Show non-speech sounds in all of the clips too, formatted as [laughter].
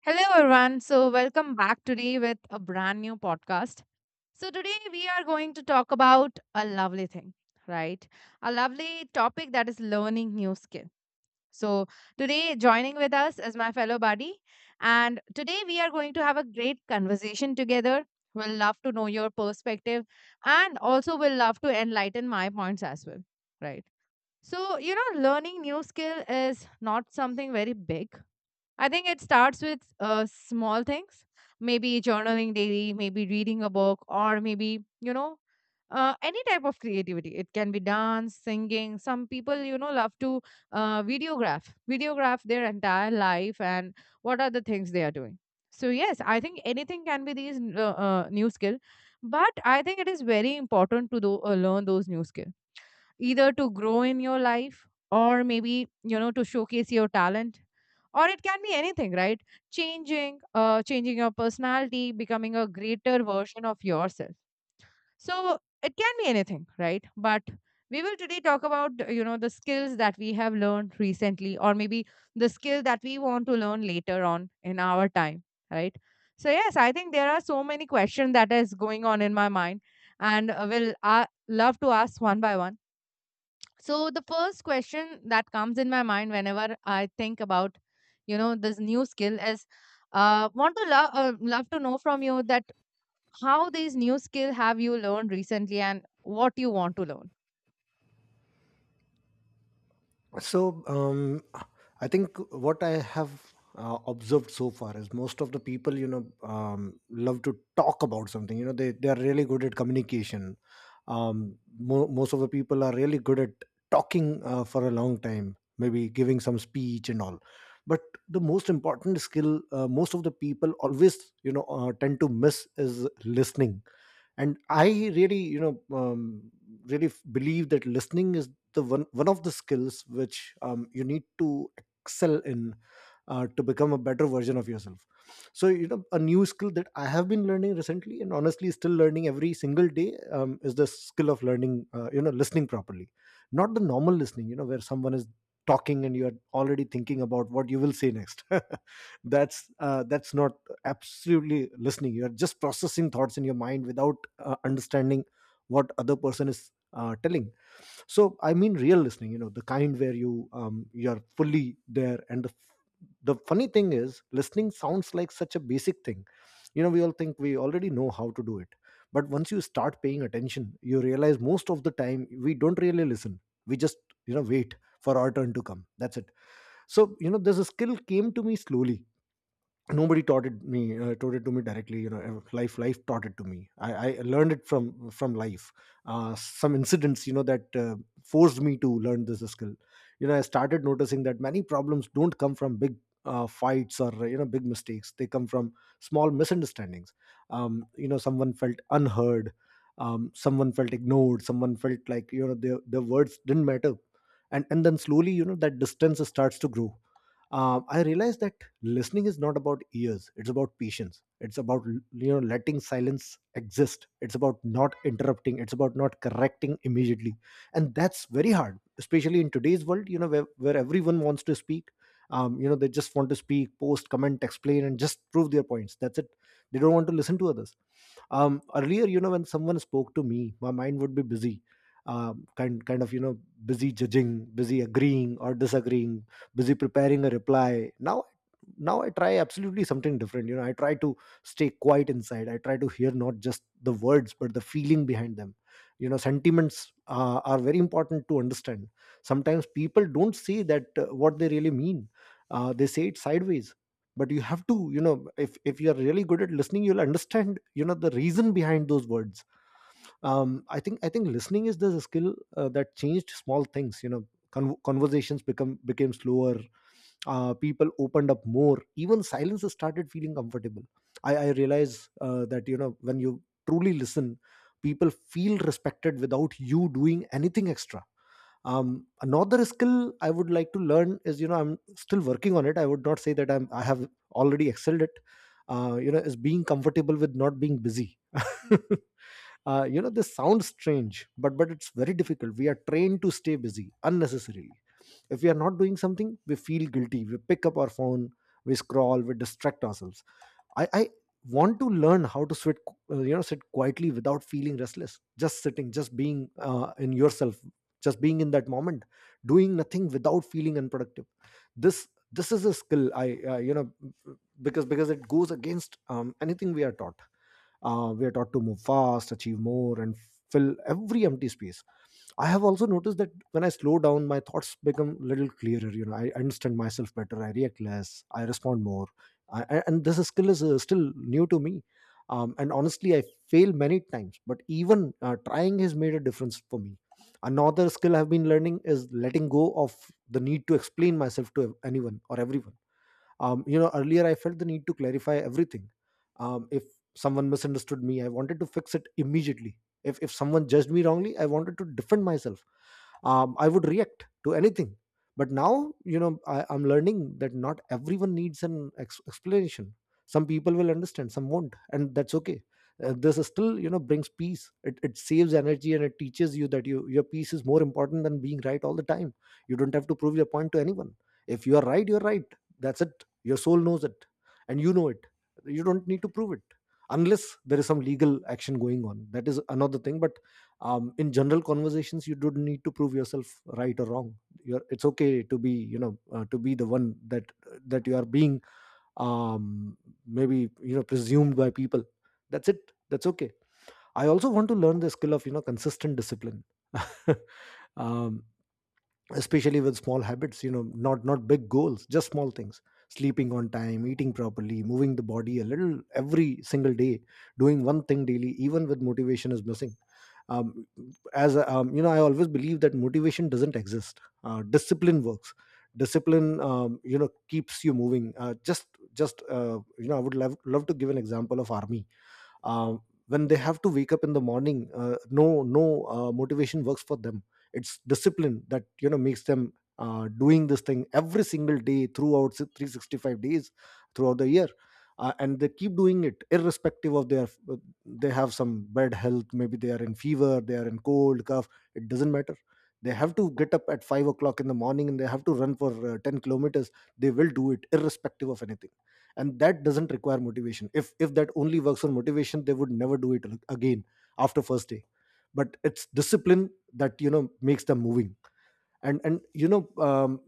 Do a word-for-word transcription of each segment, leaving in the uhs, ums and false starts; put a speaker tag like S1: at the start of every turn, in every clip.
S1: Hello, everyone. So, welcome back today with a brand new podcast. So, today we are going to talk about a lovely thing, right? A lovely topic that is learning new skill. So, today joining with us is my fellow buddy. And today we are going to have a great conversation together. We'll love to know your perspective, and also we'll love to enlighten my points as well, right? So, you know, learning new skill is not something very big. I think it starts with uh, small things, maybe journaling daily, maybe reading a book, or maybe, you know, uh, any type of creativity. It can be dance, singing. Some people, you know, love to uh, videograph, videograph their entire life and what are the things they are doing. So, yes, I think anything can be these n- uh, uh, new skill, but I think it is very important to do, uh, learn those new skills, either to grow in your life or maybe you know to showcase your talent, or it can be anything, right? Changing uh changing your personality, becoming a greater version of yourself. So it can be anything, right? But we will today talk about, you know, the skills that we have learned recently, or maybe the skill that we want to learn later on in our time, right? So yes, I think there are so many questions that is going on in my mind, and uh, will I love to ask one by one. So the first question that comes in my mind whenever I think about, you know, this new skill is, uh, want to love uh, love to know from you that how these new skill have you learned recently and what you want to learn.
S2: So, um, I think what I have uh, observed so far is most of the people, you know, um, love to talk about something. You know, they, they are really good at communication. Um, mo- most of the people are really good at talking uh, for a long time, maybe giving some speech and all. But the most important skill, uh, most of the people always, you know, uh, tend to miss is listening, and I really you know um, really f- believe that listening is the one one of the skills which um, you need to excel in, uh, to become a better version of yourself. So, you know, a new skill that I have been learning recently, and honestly still learning every single day, um, is the skill of learning, uh, you know listening properly. Not the normal listening, you know, where someone is talking and you're already thinking about what you will say next. [laughs] that's uh, that's not absolutely listening. You are just processing thoughts in your mind without uh, understanding what other person is uh, telling. So I mean, real listening, you know, the kind where you um, you're fully there, and the f- the funny thing is listening sounds like such a basic thing. You know, we all think we already know how to do it, but once you start paying attention you realize most of the time we don't really listen. We just you know wait for our turn to come. That's it. So, you know, this skill came to me slowly. Nobody taught it me, uh, taught it to me directly. You know, uh, life life taught it to me. I, I learned it from from life. Uh, some incidents, you know, that uh, forced me to learn this skill. You know, I started noticing that many problems don't come from big uh, fights, or you know, big mistakes. They come from small misunderstandings. Um, you know, someone felt unheard. Um, someone felt ignored. Someone felt like, you know, their, their words didn't matter. And and then slowly, you know, that distance starts to grow. Um, i realized that listening is not about ears. It's about patience. It's about, you know, letting silence exist. It's about not interrupting. It's about not correcting immediately. And that's very hard, especially in today's world, you know, where, where everyone wants to speak. Um, you know, they just want to speak, post, comment, explain, and just prove their points. That's it. They don't want to listen to others. Um, earlier, you know, when someone spoke to me, my mind would be busy. Um, kind kind of, you know, busy judging, busy agreeing or disagreeing, busy preparing a reply. Now now i try absolutely something different. You know, I try to stay quiet inside. I try to hear not just the words but the feeling behind them. You know, sentiments uh, are very important to understand. Sometimes people don't say that uh, what they really mean. Uh, they say it sideways. But you have to, you know, if if you are really good at listening, you'll understand, you know, the reason behind those words. Um, i think i think listening is the skill uh, that changed small things, you know. Con- conversations become became slower. Uh, people opened up more. Even silence started feeling comfortable. I, I realize uh, that, you know, when you truly listen, people feel respected without you doing anything extra. Um, another skill I would like to learn is, you know, I'm still working on it. I would not say that i'm i have already excelled it. Uh, you know, is being comfortable with not being busy. [laughs] Uh, you know, this sounds strange, but but it's very difficult. We are trained to stay busy unnecessarily. If we are not doing something, we feel guilty. We pick up our phone, we scroll, we distract ourselves. I, I want to learn how to sit, uh, you know, sit quietly without feeling restless. Just sitting, just being uh, in yourself, just being in that moment, doing nothing without feeling unproductive. This this is a skill I uh, you know because because it goes against um, anything we are taught. Uh, we are taught to move fast, achieve more, and fill every empty space. I have also noticed that when I slow down, my thoughts become a little clearer. You know, I understand myself better. I react less. I respond more. I, I- and this skill is uh, still new to me. Um, and honestly, I fail many times. But even uh, trying has made a difference for me. Another skill I've been learning is letting go of the need to explain myself to anyone or everyone. Um, you know, earlier I felt the need to clarify everything. Um, if someone misunderstood me, I wanted to fix it immediately. If, if someone judged me wrongly, I wanted to defend myself. Um, i would react to anything. But now, you know, I, i'm learning that not everyone needs an ex- explanation Some people will understand, some won't, and that's okay. Uh, this is still, you know, brings peace. It, it saves energy, and it teaches you that you, your peace is more important than being right all the time. You don't have to prove your point to anyone. If you are right, you're right. That's it. Your soul knows it. And you know it. You don't need to prove it. Unless there is some legal action going on, that is another thing. But um, in general conversations, you don't need to prove yourself right or wrong. You're, it's okay to be, you know, uh, to be the one that that you are being. um, Maybe, you know, presumed by people. That's it. That's okay. I also want to learn the skill of, you know, consistent discipline. [laughs] um, Especially with small habits, you know, not not big goals, just small things. Sleeping on time, eating properly, moving the body a little every single day, doing one thing daily even with motivation is missing. um, as a- um, you know, I always believe that motivation doesn't exist. Uh, discipline works. Discipline, um, you know, keeps you moving. Uh, just just uh, You know, I would love, love to give an example of army. um, when they have to wake up in the morning, uh, no no uh, motivation works for them. It's discipline that, you know, makes them uh, doing this thing every single day throughout s- three hundred sixty-five days throughout the year. Uh, and they keep doing it irrespective of their, they have some bad health, maybe they are in fever, they are in cold, cough. It doesn't matter. They have to get up at five o'clock in the morning, and they have to run for uh, ten kilometers. They will do it irrespective of anything. And that doesn't require motivation. If if that only works for motivation, they would never do it again after first day. But it's discipline that, you know, makes them moving. And and you know, um,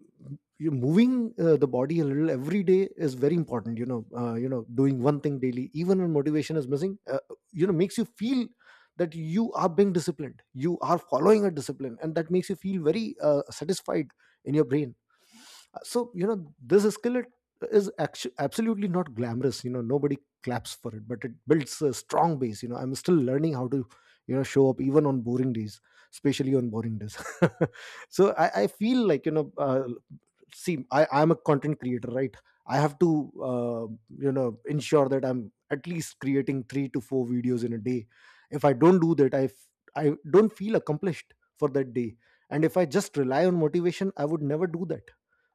S2: you moving uh, the body a little every day is very important. You know, uh, you know doing one thing daily even when motivation is missing, uh, you know, makes you feel that you are being disciplined, you are following a discipline, and that makes you feel very uh, satisfied in your brain. Uh, so, you know, this skillet is actu absolutely not glamorous. You know, nobody claps for it, but it builds a strong base. You know, I'm still learning how to, you know, show up even on boring days, especially on boring days. [laughs] So, I, I feel like, you know, uh, see, i i'm a content creator, right? I have to, uh, you know, ensure that I'm at least creating three to four videos in a day. If I don't do that, i f- i don't feel accomplished for that day. And if I just rely on motivation, I would never do that,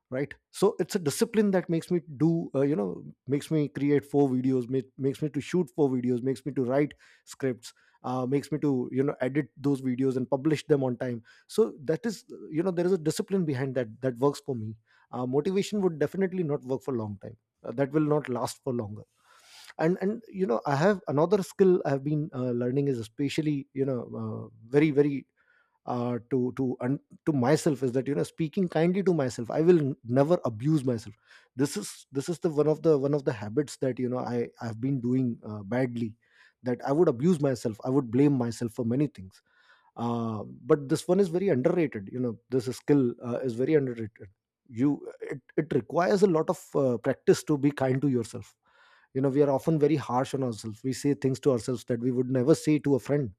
S2: right? So it's a discipline that makes me do, uh, you know, makes me create four videos, make, makes me to shoot four videos, makes me to write scripts, uh, makes me to, you know, edit those videos and publish them on time. So that is, uh, you know, there is a discipline behind that that works for me. Uh, motivation would definitely not work for long time. Uh, that will not last for longer. And and you know, I have another skill I've been uh, learning, is especially, you know, uh, very very uh, to to and to myself, is that, you know, speaking kindly to myself. I will n- never abuse myself. This is this is the one of the one of the habits that, you know, i i've been doing uh, badly. That I would abuse myself, I would blame myself for many things. Uh, but this one is very underrated. You know, this skill uh, is very underrated. You it, it requires a lot of uh, practice to be kind to yourself. You know, we are often very harsh on ourselves. We say things to ourselves that we would never say to a friend.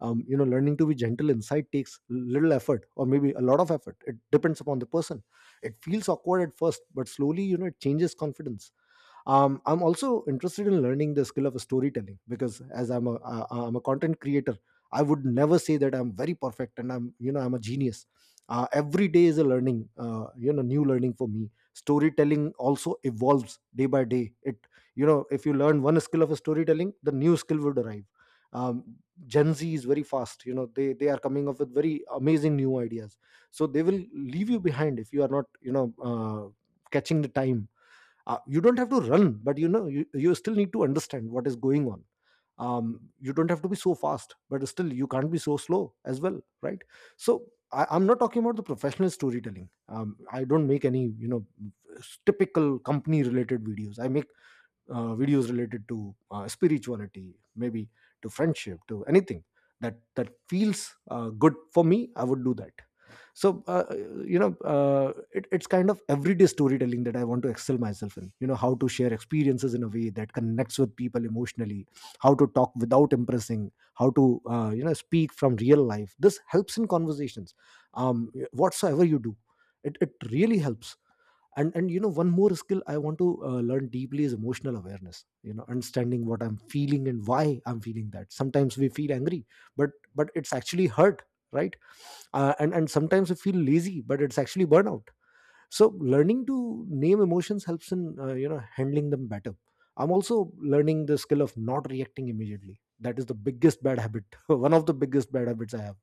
S2: Um, you know learning to be gentle inside takes little effort, or maybe a lot of effort. It depends upon the person. It feels awkward at first, but slowly, you know, it changes confidence. um, I'm also interested in learning the skill of storytelling because as I'm a uh, I'm a content creator. I would never say that I'm very perfect and I'm, you know, I'm a genius. Uh, every day is a learning, uh, you know new learning for me. Storytelling also evolves day by day. It, you know, if you learn one skill of storytelling, the new skill would arrive. um, Gen Z is very fast. You know, they they are coming up with very amazing new ideas. So they will leave you behind if you are not, you know, uh, catching the time. Uh, you don't have to run, but you know, you, you still need to understand what is going on. Um, you don't have to be so fast, but still you can't be so slow as well, right? So I, I'm not talking about the professional storytelling. um, I don't make any, you know, typical company related videos. I make uh, videos related to uh, spirituality, maybe, to friendship, to anything that that feels uh, good for me. I would do that. So uh, you know uh, it, it's kind of everyday storytelling that I want to excel myself in. You know, how to share experiences in a way that connects with people emotionally, how to talk without impressing, how to, uh, you know, speak from real life. This helps in conversations. Um, whatsoever you do, it, it really helps. And and you know, one more skill I want to uh, learn deeply is emotional awareness. You know, understanding what I'm feeling and why I'm feeling that. Sometimes we feel angry, but but it's actually hurt, right? Uh, and and sometimes we feel lazy, but it's actually burnout. So learning to name emotions helps in, uh, you know, handling them better. I'm also learning the skill of not reacting immediately. That is the biggest bad habit, [laughs] one of the biggest bad habits I have.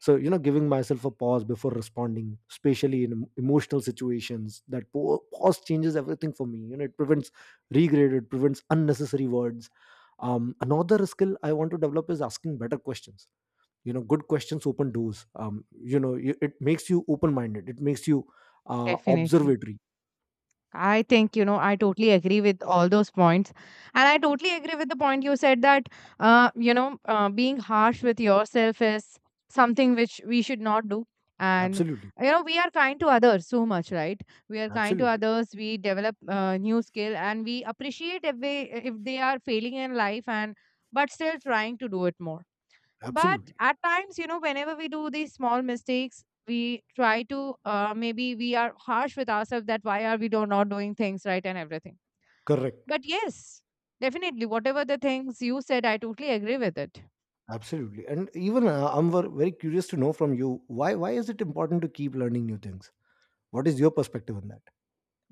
S2: So you know, giving myself a pause before responding, especially in em- emotional situations. That po- pause changes everything for me. You know, it prevents regret, it prevents unnecessary words. Um, another skill I want to develop is asking better questions. You know, good questions open doors. Um, you know y- it makes you open minded, it makes you uh,
S1: Definitely.
S2: observatory.
S1: I think, you know, I totally agree with all those points. And I totally agree with the point you said that, uh, you know, uh, being harsh with yourself is something which we should not do. And,
S2: Absolutely.
S1: you know, we are kind to others so much, right? We are kind to
S2: Absolutely.
S1: others. We develop uh, new skill and we appreciate if they, if they are failing in life and but still trying to do it more. But
S2: Absolutely.
S1: at times, you know, whenever we do these small mistakes, we try to uh, maybe we are harsh with ourselves that why are we do not doing things right and everything.
S2: Correct.
S1: But yes, definitely, whatever the things you said, I totally agree with it.
S2: Absolutely. And even uh, I'm ver- very curious to know from you, why why is it important to keep learning new things? What is your perspective on that?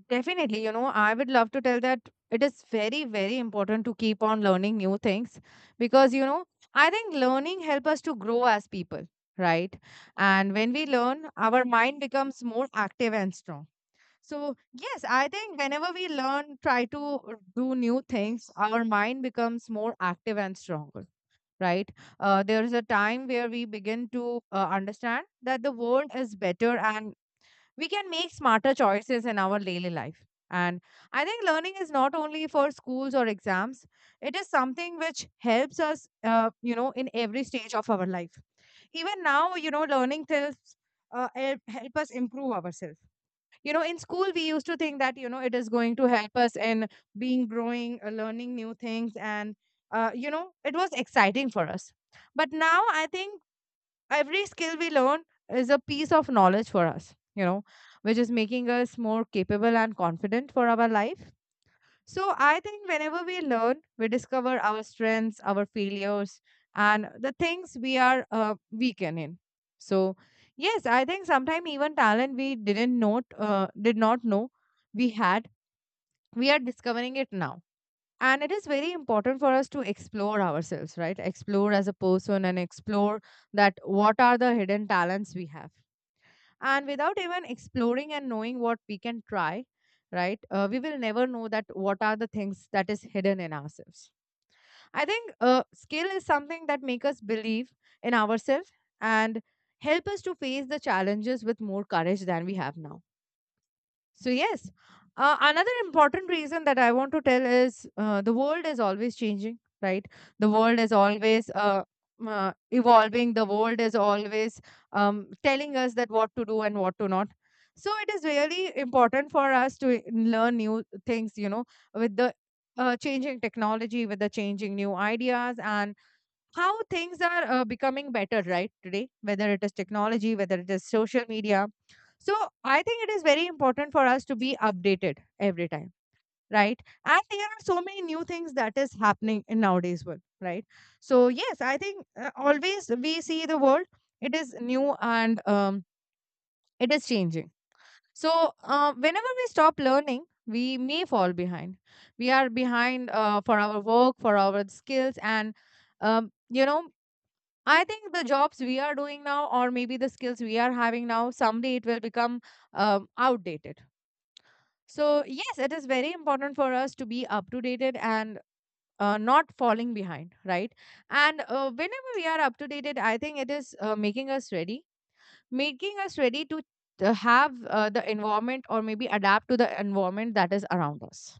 S1: Definitely, you know, I would love to tell that it is very, very important to keep on learning new things because, you know, I think learning help us to grow as people, right? And when we learn, our mind becomes more active and strong. So, yes, I think whenever we learn, try to uh, do new things, our mind becomes more active and stronger, right? Uh, there is a time where we begin to uh, understand that the world is better and we can make smarter choices in our daily life. And I think learning is not only for schools or exams, it is something which helps us, uh, you know, in every stage of our life. Even now, you know, learning helps uh, help help us improve ourselves. You know, in school we used to think that you know it is going to help us in being growing, uh, learning new things, and uh, you know it was exciting for us. But now I think every skill we learn is a piece of knowledge for us, you know, which is making us more capable and confident for our life. So I think whenever we learn, we discover our strengths, our failures, and the things we are uh, weakened in. So yes, I think sometimes even talent we didn't know, uh, did not know we had, we are discovering it now. And it is very important for us to explore ourselves, right? Explore as a person and explore that what are the hidden talents we have, and without even exploring and knowing what we can try, right? Uh, we will never know that what are the things that is hidden in ourselves. I think uh, skill is something that make us believe in ourselves and help us to face the challenges with more courage than we have now. So, yes, uh, another important reason that I want to tell is uh, the world is always changing, right? The world is always uh, uh, evolving, the world is always um, telling us that what to do and what to not. So, it is really important for us to learn new things, you know, with the uh, changing technology, with the changing new ideas, and how things are uh, becoming better, right? Today whether it is technology, whether it is social media, so I think it is very important for us to be updated every time, right? And there are so many new things that is happening in nowadays world, right? So yes, I think uh, always we see the world, it is new and um, it is changing. So uh, whenever we stop learning, we may fall behind. We are behind uh, for our work, for our skills, and um, you know I think the jobs we are doing now, or maybe the skills we are having now, someday it will become um, outdated. So, yes, it is very important for us to be up to date and uh, not falling behind, right? And uh, whenever we are up to date, I think it is uh, making us ready, making us ready to, to have uh, the environment or maybe adapt to the environment that is around us.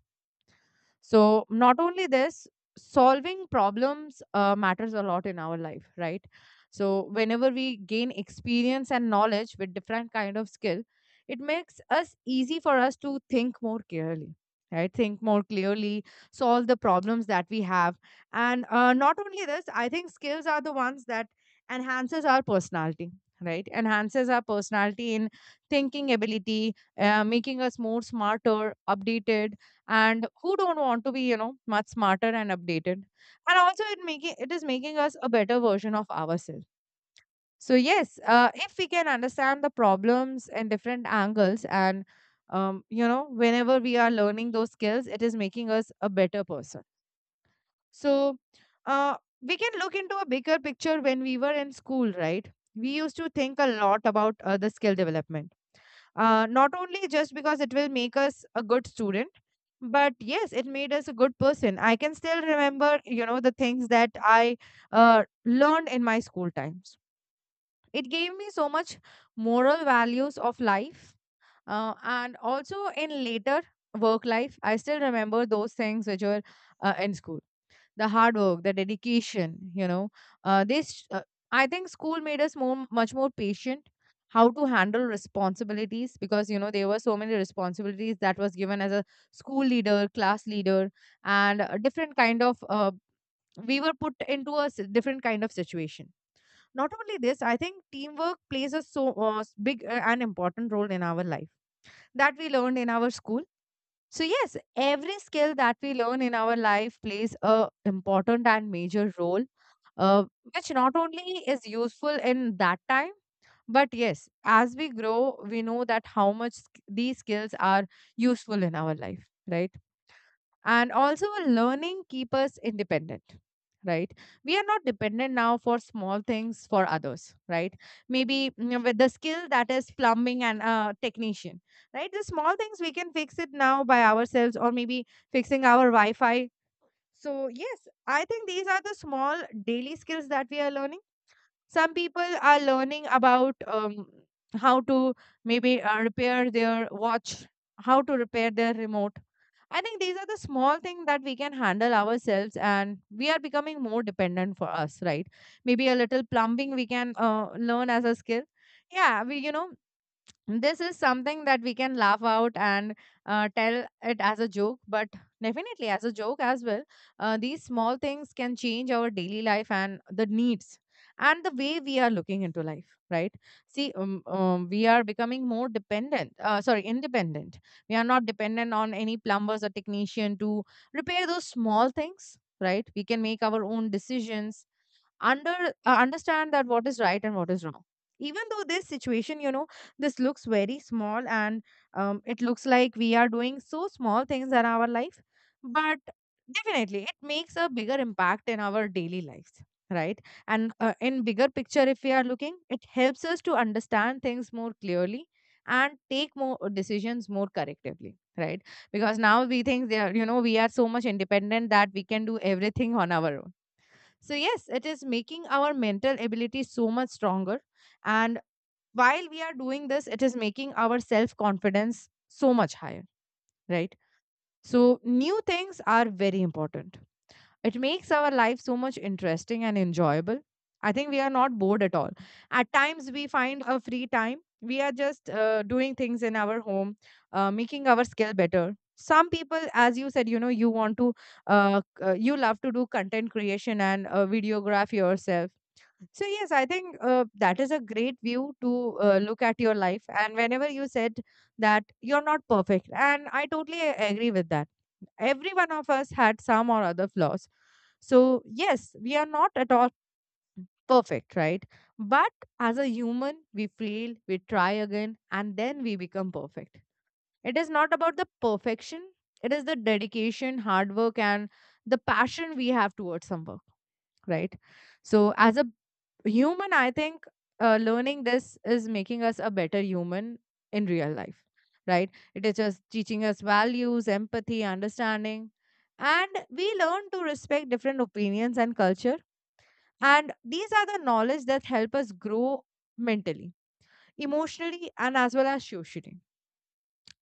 S1: So, not only this, solving problems uh, matters a lot in our life, right? So, whenever we gain experience and knowledge with different kind of skill, it makes us easy for us to think more clearly, right? Think more clearly, solve the problems that we have, and uh, not only this, I think skills are the ones that enhances our personality, right? Enhances our personality in thinking ability, uh, making us more smarter, updated, and who don't want to be you know much smarter and updated. And also it making it is making us a better version of ourselves. So yes, uh, if we can understand the problems and different angles, and um, you know whenever we are learning those skills, it is making us a better person. So, uh, we can look into a bigger picture. When we were in school, right, we used to think a lot about uh, the skill development, uh, not only just because it will make us a good student, but yes, it made us a good person. I can still remember, you know, the things that I uh, learned in my school times. It gave me so much moral values of life. Uh, and also in later work life, I still remember those things which were uh, in school, the hard work, the dedication, you know, uh, this uh, I think school made us more much more patient, how to handle responsibilities, because you know there were so many responsibilities that was given as a school leader, class leader, and a different kind of uh, we were put into a s- different kind of situation. Not only this, I think teamwork plays a so uh, s- big uh, and important role in our life that we learned in our school. So yes, every skill that we learn in our life plays a important and major role, uh, which not only is useful in that time, but yes, as we grow, we know that how much sk- these skills are useful in our life, right? And also a learning keep us independent, right? We are not dependent now for small things for others, right? Maybe mm, with the skill that is plumbing and uh, technician, right? The small things we can fix it now by ourselves, or maybe fixing our wi-fi. So yes, I think these are the small daily skills that we are learning. Some people are learning about um, how to maybe uh, repair their watch, how to repair their remote. I think these are the small things that we can handle ourselves, and we are becoming more dependent for us, right? Maybe a little plumbing we can uh, learn as a skill. Yeah, we you know this is something that we can laugh out and uh, tell it as a joke, but definitely as a joke as well. Uh, these small things can change our daily life and the needs and the way we are looking into life, right? See, um, um, we are becoming more dependent, uh, sorry, independent. We are not dependent on any plumbers or technician to repair those small things, right? We can make our own decisions, under uh, understand that what is right and what is wrong. Even though this situation, you know this looks very small and um, it looks like we are doing so small things in our life, but definitely it makes a bigger impact in our daily lives, right? And uh, in bigger picture if we are looking, it helps us to understand things more clearly and take more decisions more correctively, right? Because now we think they are, you know we are so much independent that we can do everything on our own. So yes, it is making our mental ability so much stronger, and while we are doing this, it is making our self confidence so much higher, right? So new things are very important. It makes our life so much interesting and enjoyable. I think we are not bored at all. At times we find a free time, we are just uh, doing things in our home, uh, making our skill better. Some people, as you said, you know you want to uh, c- uh, you love to do content creation and uh, videograph yourself. So yes, I think uh, that is a great view to uh, look at your life. And whenever you said that you're not perfect, and I totally a- agree with that. Every one of us had some or other flaws. So yes, we are not at all perfect, right? But as a human, we fail, we try again, and then we become perfect. It is not about the perfection. It is the dedication, hard work, and the passion we have towards some work, right? So, as a human, I think uh, learning this is making us a better human in real life, right? It is just teaching us values, empathy, understanding, and we learn to respect different opinions and culture. And these are the knowledge that help us grow mentally, emotionally, and as well as socially.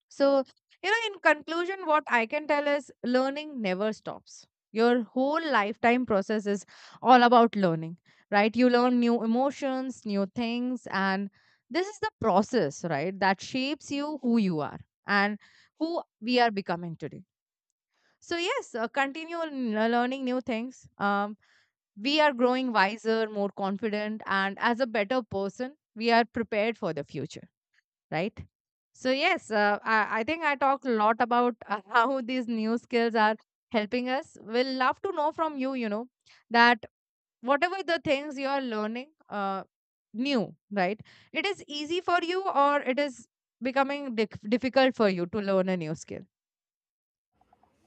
S1: So, you know, in conclusion, what I can tell is learning never stops. Your whole lifetime process is all about learning, right? You learn new emotions, new things, and this is the process, right, that shapes you who you are and who we are becoming today. So, yes, uh, continue n- uh, learning new things. Um, we are growing wiser, more confident, and as a better person, we are prepared for the future, right? So yes, uh, I, I think I talked a lot about uh, [laughs] how these new skills are helping us. We'll love to know from you, you know, that whatever the things you are learning uh, new, right? It is easy for you or it is becoming dif- difficult for you to learn a new skill.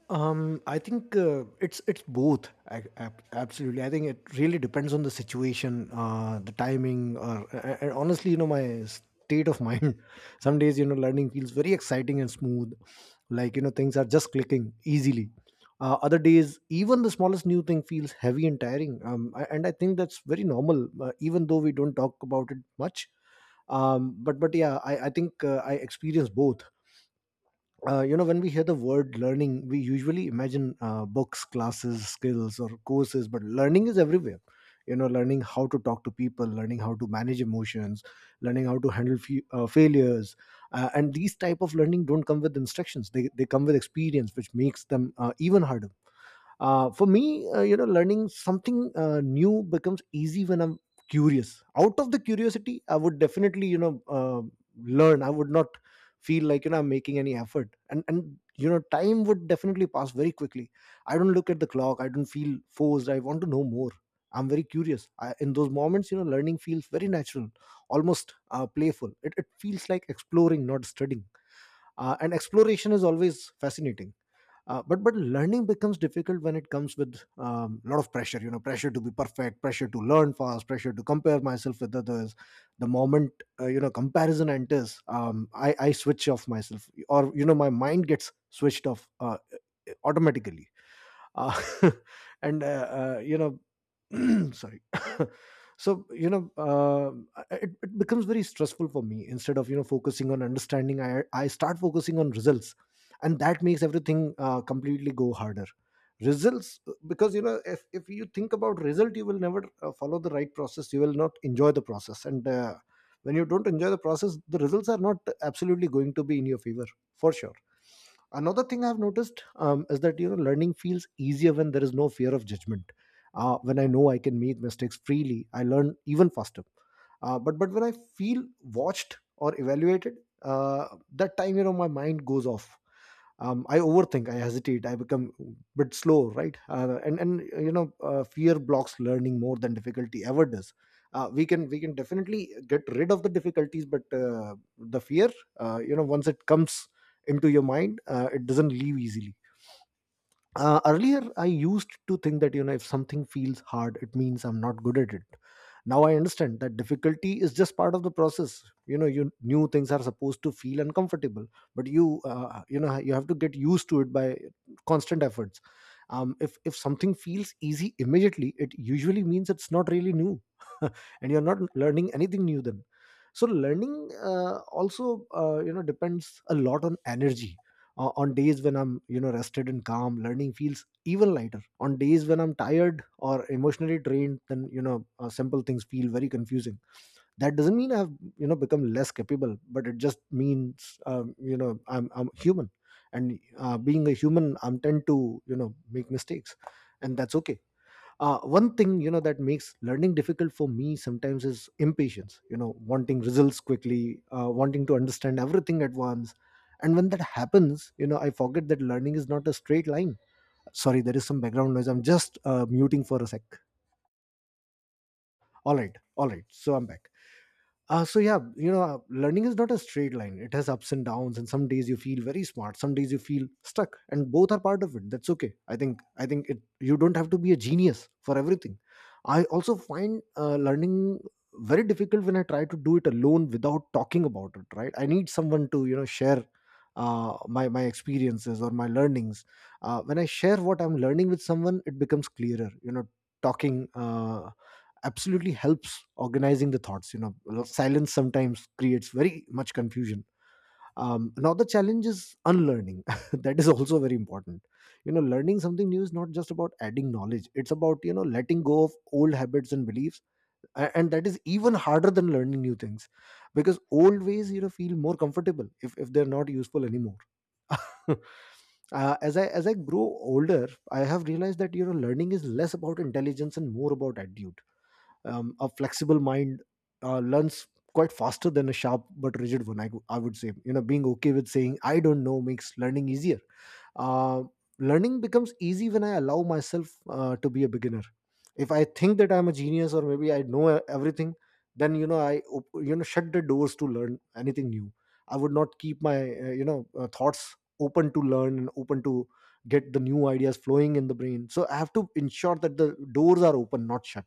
S2: Um, I think uh, it's it's both. I, ab- absolutely, I think it really depends on the situation, uh, the timing, or uh, and honestly, you know, my state of mind. [laughs] Some days, you know, learning feels very exciting and smooth, like, you know, things are just clicking easily. Uh, other days, even the smallest new thing feels heavy and tiring. Um, I- and I think that's very normal, uh, even though we don't talk about it much. Um, but but yeah, I I think uh, I experience both. Uh, you know when we hear the word learning, we usually imagine uh, books, classes, skills, or courses, but learning is everywhere. You know, learning how to talk to people, learning how to manage emotions, learning how to handle fe- uh, failures. Uh, and these type of learning don't come with instructions. They, they come with experience, which makes them uh, even harder. Uh, for me uh, you know, learning something uh, new becomes easy when I'm curious. Out of the curiosity, I would definitely, you know, uh, learn. I would not feel like, you know, I'm making any effort, and and you know, time would definitely pass very quickly. I don't look at the clock, I don't feel forced. I want to know more. I'm very curious. I, in those moments, you know, learning feels very natural, almost uh, playful. It, it feels like exploring, not studying. Uh, and exploration is always fascinating. Uh, but but learning becomes difficult when it comes with a, um, lot of pressure. You know, pressure to be perfect, pressure to learn fast, pressure to compare myself with others. The moment, uh, you know, comparison enters, um, i i switch off myself, or you know, my mind gets switched off uh, automatically. Uh, [laughs] and uh, uh, you know [clears throat] sorry. [laughs] So you know, uh, it, it becomes very stressful for me. Instead of, you know, focusing on understanding, i i start focusing on results, and that makes everything uh, completely go harder. Results, uh, because you know, if, if you think about result, you will never uh, follow the right process. You will not enjoy the process, and uh, when you don't enjoy the process, the results are not absolutely going to be in your favor for sure. Another thing I've noticed, um, is that you know, learning feels easier when there is no fear of judgment. Uh, when I know I can make mistakes freely, I learn even faster. Uh, but but when I feel watched or evaluated, uh, that time, you know, my mind goes off. um, I overthink, I hesitate, I become a bit slow, right? Uh, and and you know, uh, fear blocks learning more than difficulty ever does. Uh, we can we can definitely get rid of the difficulties, but uh, the fear, uh, you know, once it comes into your mind, uh, it doesn't leave easily. Uh, earlier I used to think that, you know, if something feels hard, it means I'm not good at it. Now I understand that difficulty is just part of the process. You know, you new things are supposed to feel uncomfortable, but you, uh, you know, you have to get used to it by constant efforts. Um, if if something feels easy immediately, it usually means it's not really new. [laughs] And you're not learning anything new then. So learning, uh, also uh, you know, depends a lot on energy. Uh, on days when I'm, you know, rested and calm, learning feels even lighter. On days when I'm tired or emotionally drained, then you know, uh, simple things feel very confusing. That doesn't mean I've, you know, become less capable, but it just means, um, you know, i'm i'm human. And uh, being a human, I'm tend to, you know, make mistakes, and that's okay. Uh, one thing, you know, that makes learning difficult for me sometimes is impatience. You know, wanting results quickly, uh, wanting to understand everything at once. And when that happens, you know, I forget that learning is not a straight line. Sorry, there is some background noise. I'm just uh, muting for a sec. All right, all right, so I'm back. Uh, so yeah, you know, uh, learning is not a straight line. It has ups and downs, and some days you feel very smart, some days you feel stuck, and both are part of it. That's okay. I think I think it. You don't have to be a genius for everything. I also find uh, learning very difficult when I try to do it alone without talking about it. Right? I need someone to, you know, share uh, my my experiences or my learnings. Uh, when I share what I'm learning with someone, it becomes clearer. You know, talking. Uh, absolutely helps organizing the thoughts, you know. Well, silence sometimes creates very much confusion. Um, now the challenge is unlearning. [laughs] That is also very important. You know learning something new is not just about adding knowledge. It's about, you know letting go of old habits and beliefs. A- and that is even harder than learning new things, because old ways, you know feel more comfortable if, if they're not useful anymore. [laughs] uh, as i as i grow older, I have realized that, you know learning is less about intelligence and more about attitude. Um, a flexible mind uh, learns quite faster than a sharp but rigid one. I, go- I would say, you know being okay with saying I don't know makes learning easier. uh, Learning becomes easy when I allow myself uh, to be a beginner. If I think that I'm a genius, or maybe I know e-, everything, then, you know i op- you know shut the doors to learn anything new. I would not keep my uh, you know uh, thoughts open to learn, and open to get the new ideas flowing in the brain. So I have to ensure that the doors are open, not shut.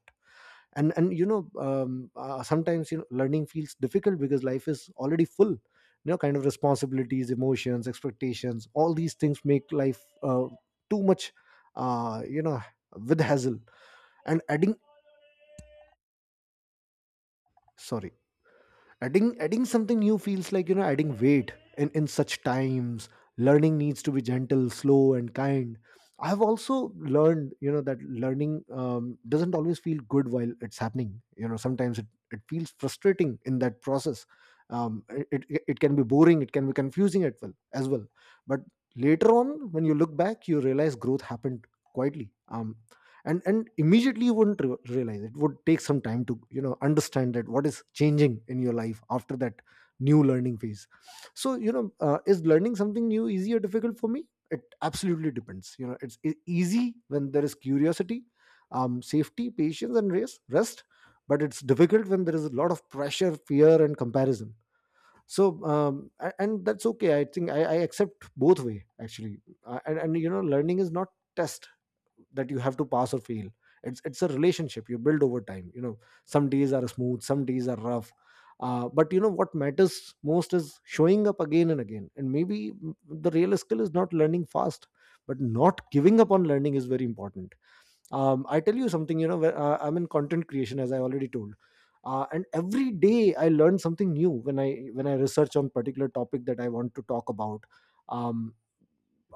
S2: And and, you know um, uh, sometimes, you know learning feels difficult because life is already full, you know kind of responsibilities, emotions, expectations. All these things make life uh, too much, uh, you know with hassle, and adding, sorry, adding adding something new feels like, you know adding weight in in such times. Learning needs to be gentle, slow, and kind. I have also learned, you know that learning um, doesn't always feel good while it's happening. You know sometimes it, it feels frustrating in that process. Um, it, it, it can be boring, it can be confusing at well as well. But later on, when you look back, you realize growth happened quietly. Um, and and immediately you wouldn't re- realize. It would take some time to, you know understand that what is changing in your life after that new learning phase. So, you know uh, is learning something new easy or difficult for me? It absolutely depends, you know it's e- easy when there is curiosity, um, safety, patience, and rest rest. But it's difficult when there is a lot of pressure, fear, and comparison. So um, a- and that's okay. i think i, I accept both way actually. Uh, and, and, you know learning is not test that you have to pass or fail. It's it's a relationship you build over time, you know. Some days are smooth, some days are rough. Uh, but, you know, what matters most is showing up again and again, and maybe the real skill is not learning fast, but not giving up on learning is very important. um, I tell you something. You know where, uh, I'm in content creation, as I already told. Uh, and every day I learn something new when i when i research on particular topic that I want to talk about. um,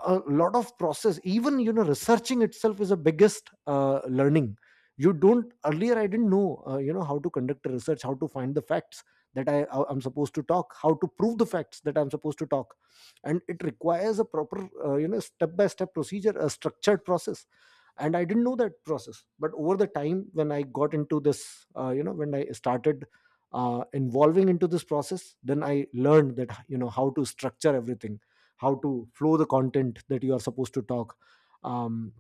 S2: a lot of process. Even, you know researching itself is the biggest uh, learning. You don't, earlier I didn't know uh, you know how to conduct a research, how to find the facts that i I- am supposed to talk, how to prove the facts that I'm supposed to talk. And it requires a proper uh, you know step by step procedure, a structured process. And I didn't know that process, but over the time when I got into this, uh, you know when I started uh, involving into this process, then I learned that, you know how to structure everything, how to flow the content that you are supposed to talk, um,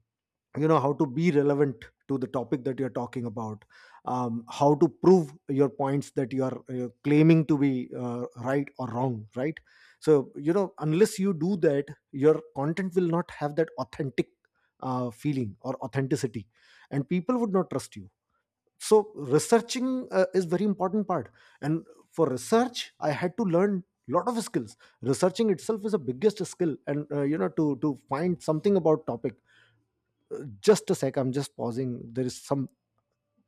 S2: you know how to be relevant to the topic that you're talking about, um, how to prove your points that you are uh, claiming to be uh, right or wrong, right? So, you know unless you do that, your content will not have that authentic uh, feeling or authenticity, and people would not trust you. So researching uh, is very important part. And for research I had to learn lot of skills. Researching itself is a biggest skill, and uh, you know to to find something about topic, just a sec, I'm just pausing, there is some.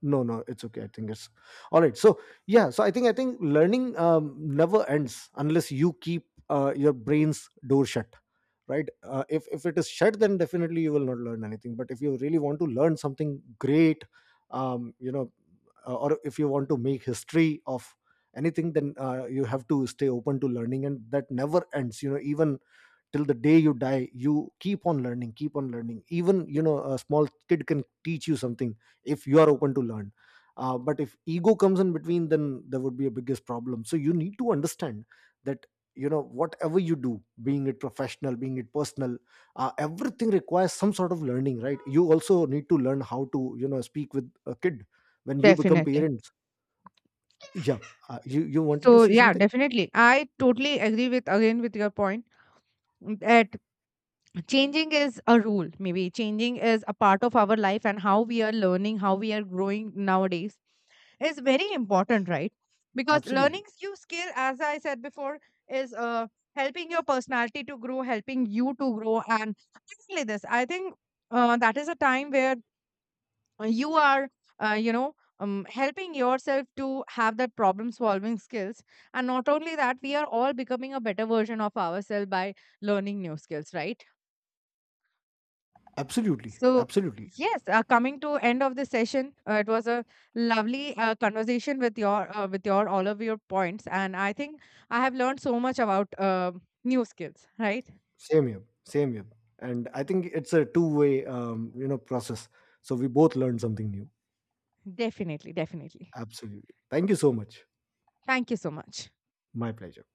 S2: No, no, it's okay, I think it's all right. So yeah, so i think i think learning um, never ends unless you keep uh, your brain's door shut, right? Uh, if if it is shut, then definitely you will not learn anything. But if you really want to learn something great, um, you know uh, or if you want to make history of anything, then uh, you have to stay open to learning, and that never ends, you know. Even till the day you die, you keep on learning, keep on learning. Even, you know a small kid can teach you something if you are open to learn. Uh, but if ego comes in between, then there would be a biggest problem. So you need to understand that, you know whatever you do, being it professional, being it personal, uh, everything requires some sort of learning, right? You also need to learn how to, you know speak with a kid when you become
S1: Definitely.
S2: parents. Yeah. Uh, you you wanted to
S1: So
S2: say
S1: yeah,
S2: something.
S1: definitely. I totally agree with again with your point that changing is a rule, maybe changing is a part of our life, and how we are learning, how we are growing nowadays is very important, right? Because learning
S2: Absolutely.
S1: new skill, as I said before, is uh, helping your personality to grow, helping you to grow. And exactly this, I think uh, that is a time where uh, you are uh, you know um, helping yourself to have that problem solving skills. And not only that, we are all becoming a better version of ourselves by learning new skills, right?
S2: Absolutely.
S1: So
S2: Absolutely.
S1: yes, uh, coming to end of the session, uh, it was a lovely uh, conversation with your uh, with your all of your points, and I think I have learned so much about uh, new skills. Right?
S2: Same here, same here. And I think it's a two-way, um, you know, process. So we both learned something new.
S1: Definitely, definitely.
S2: Absolutely. Thank you so much.
S1: Thank you so much.
S2: My pleasure.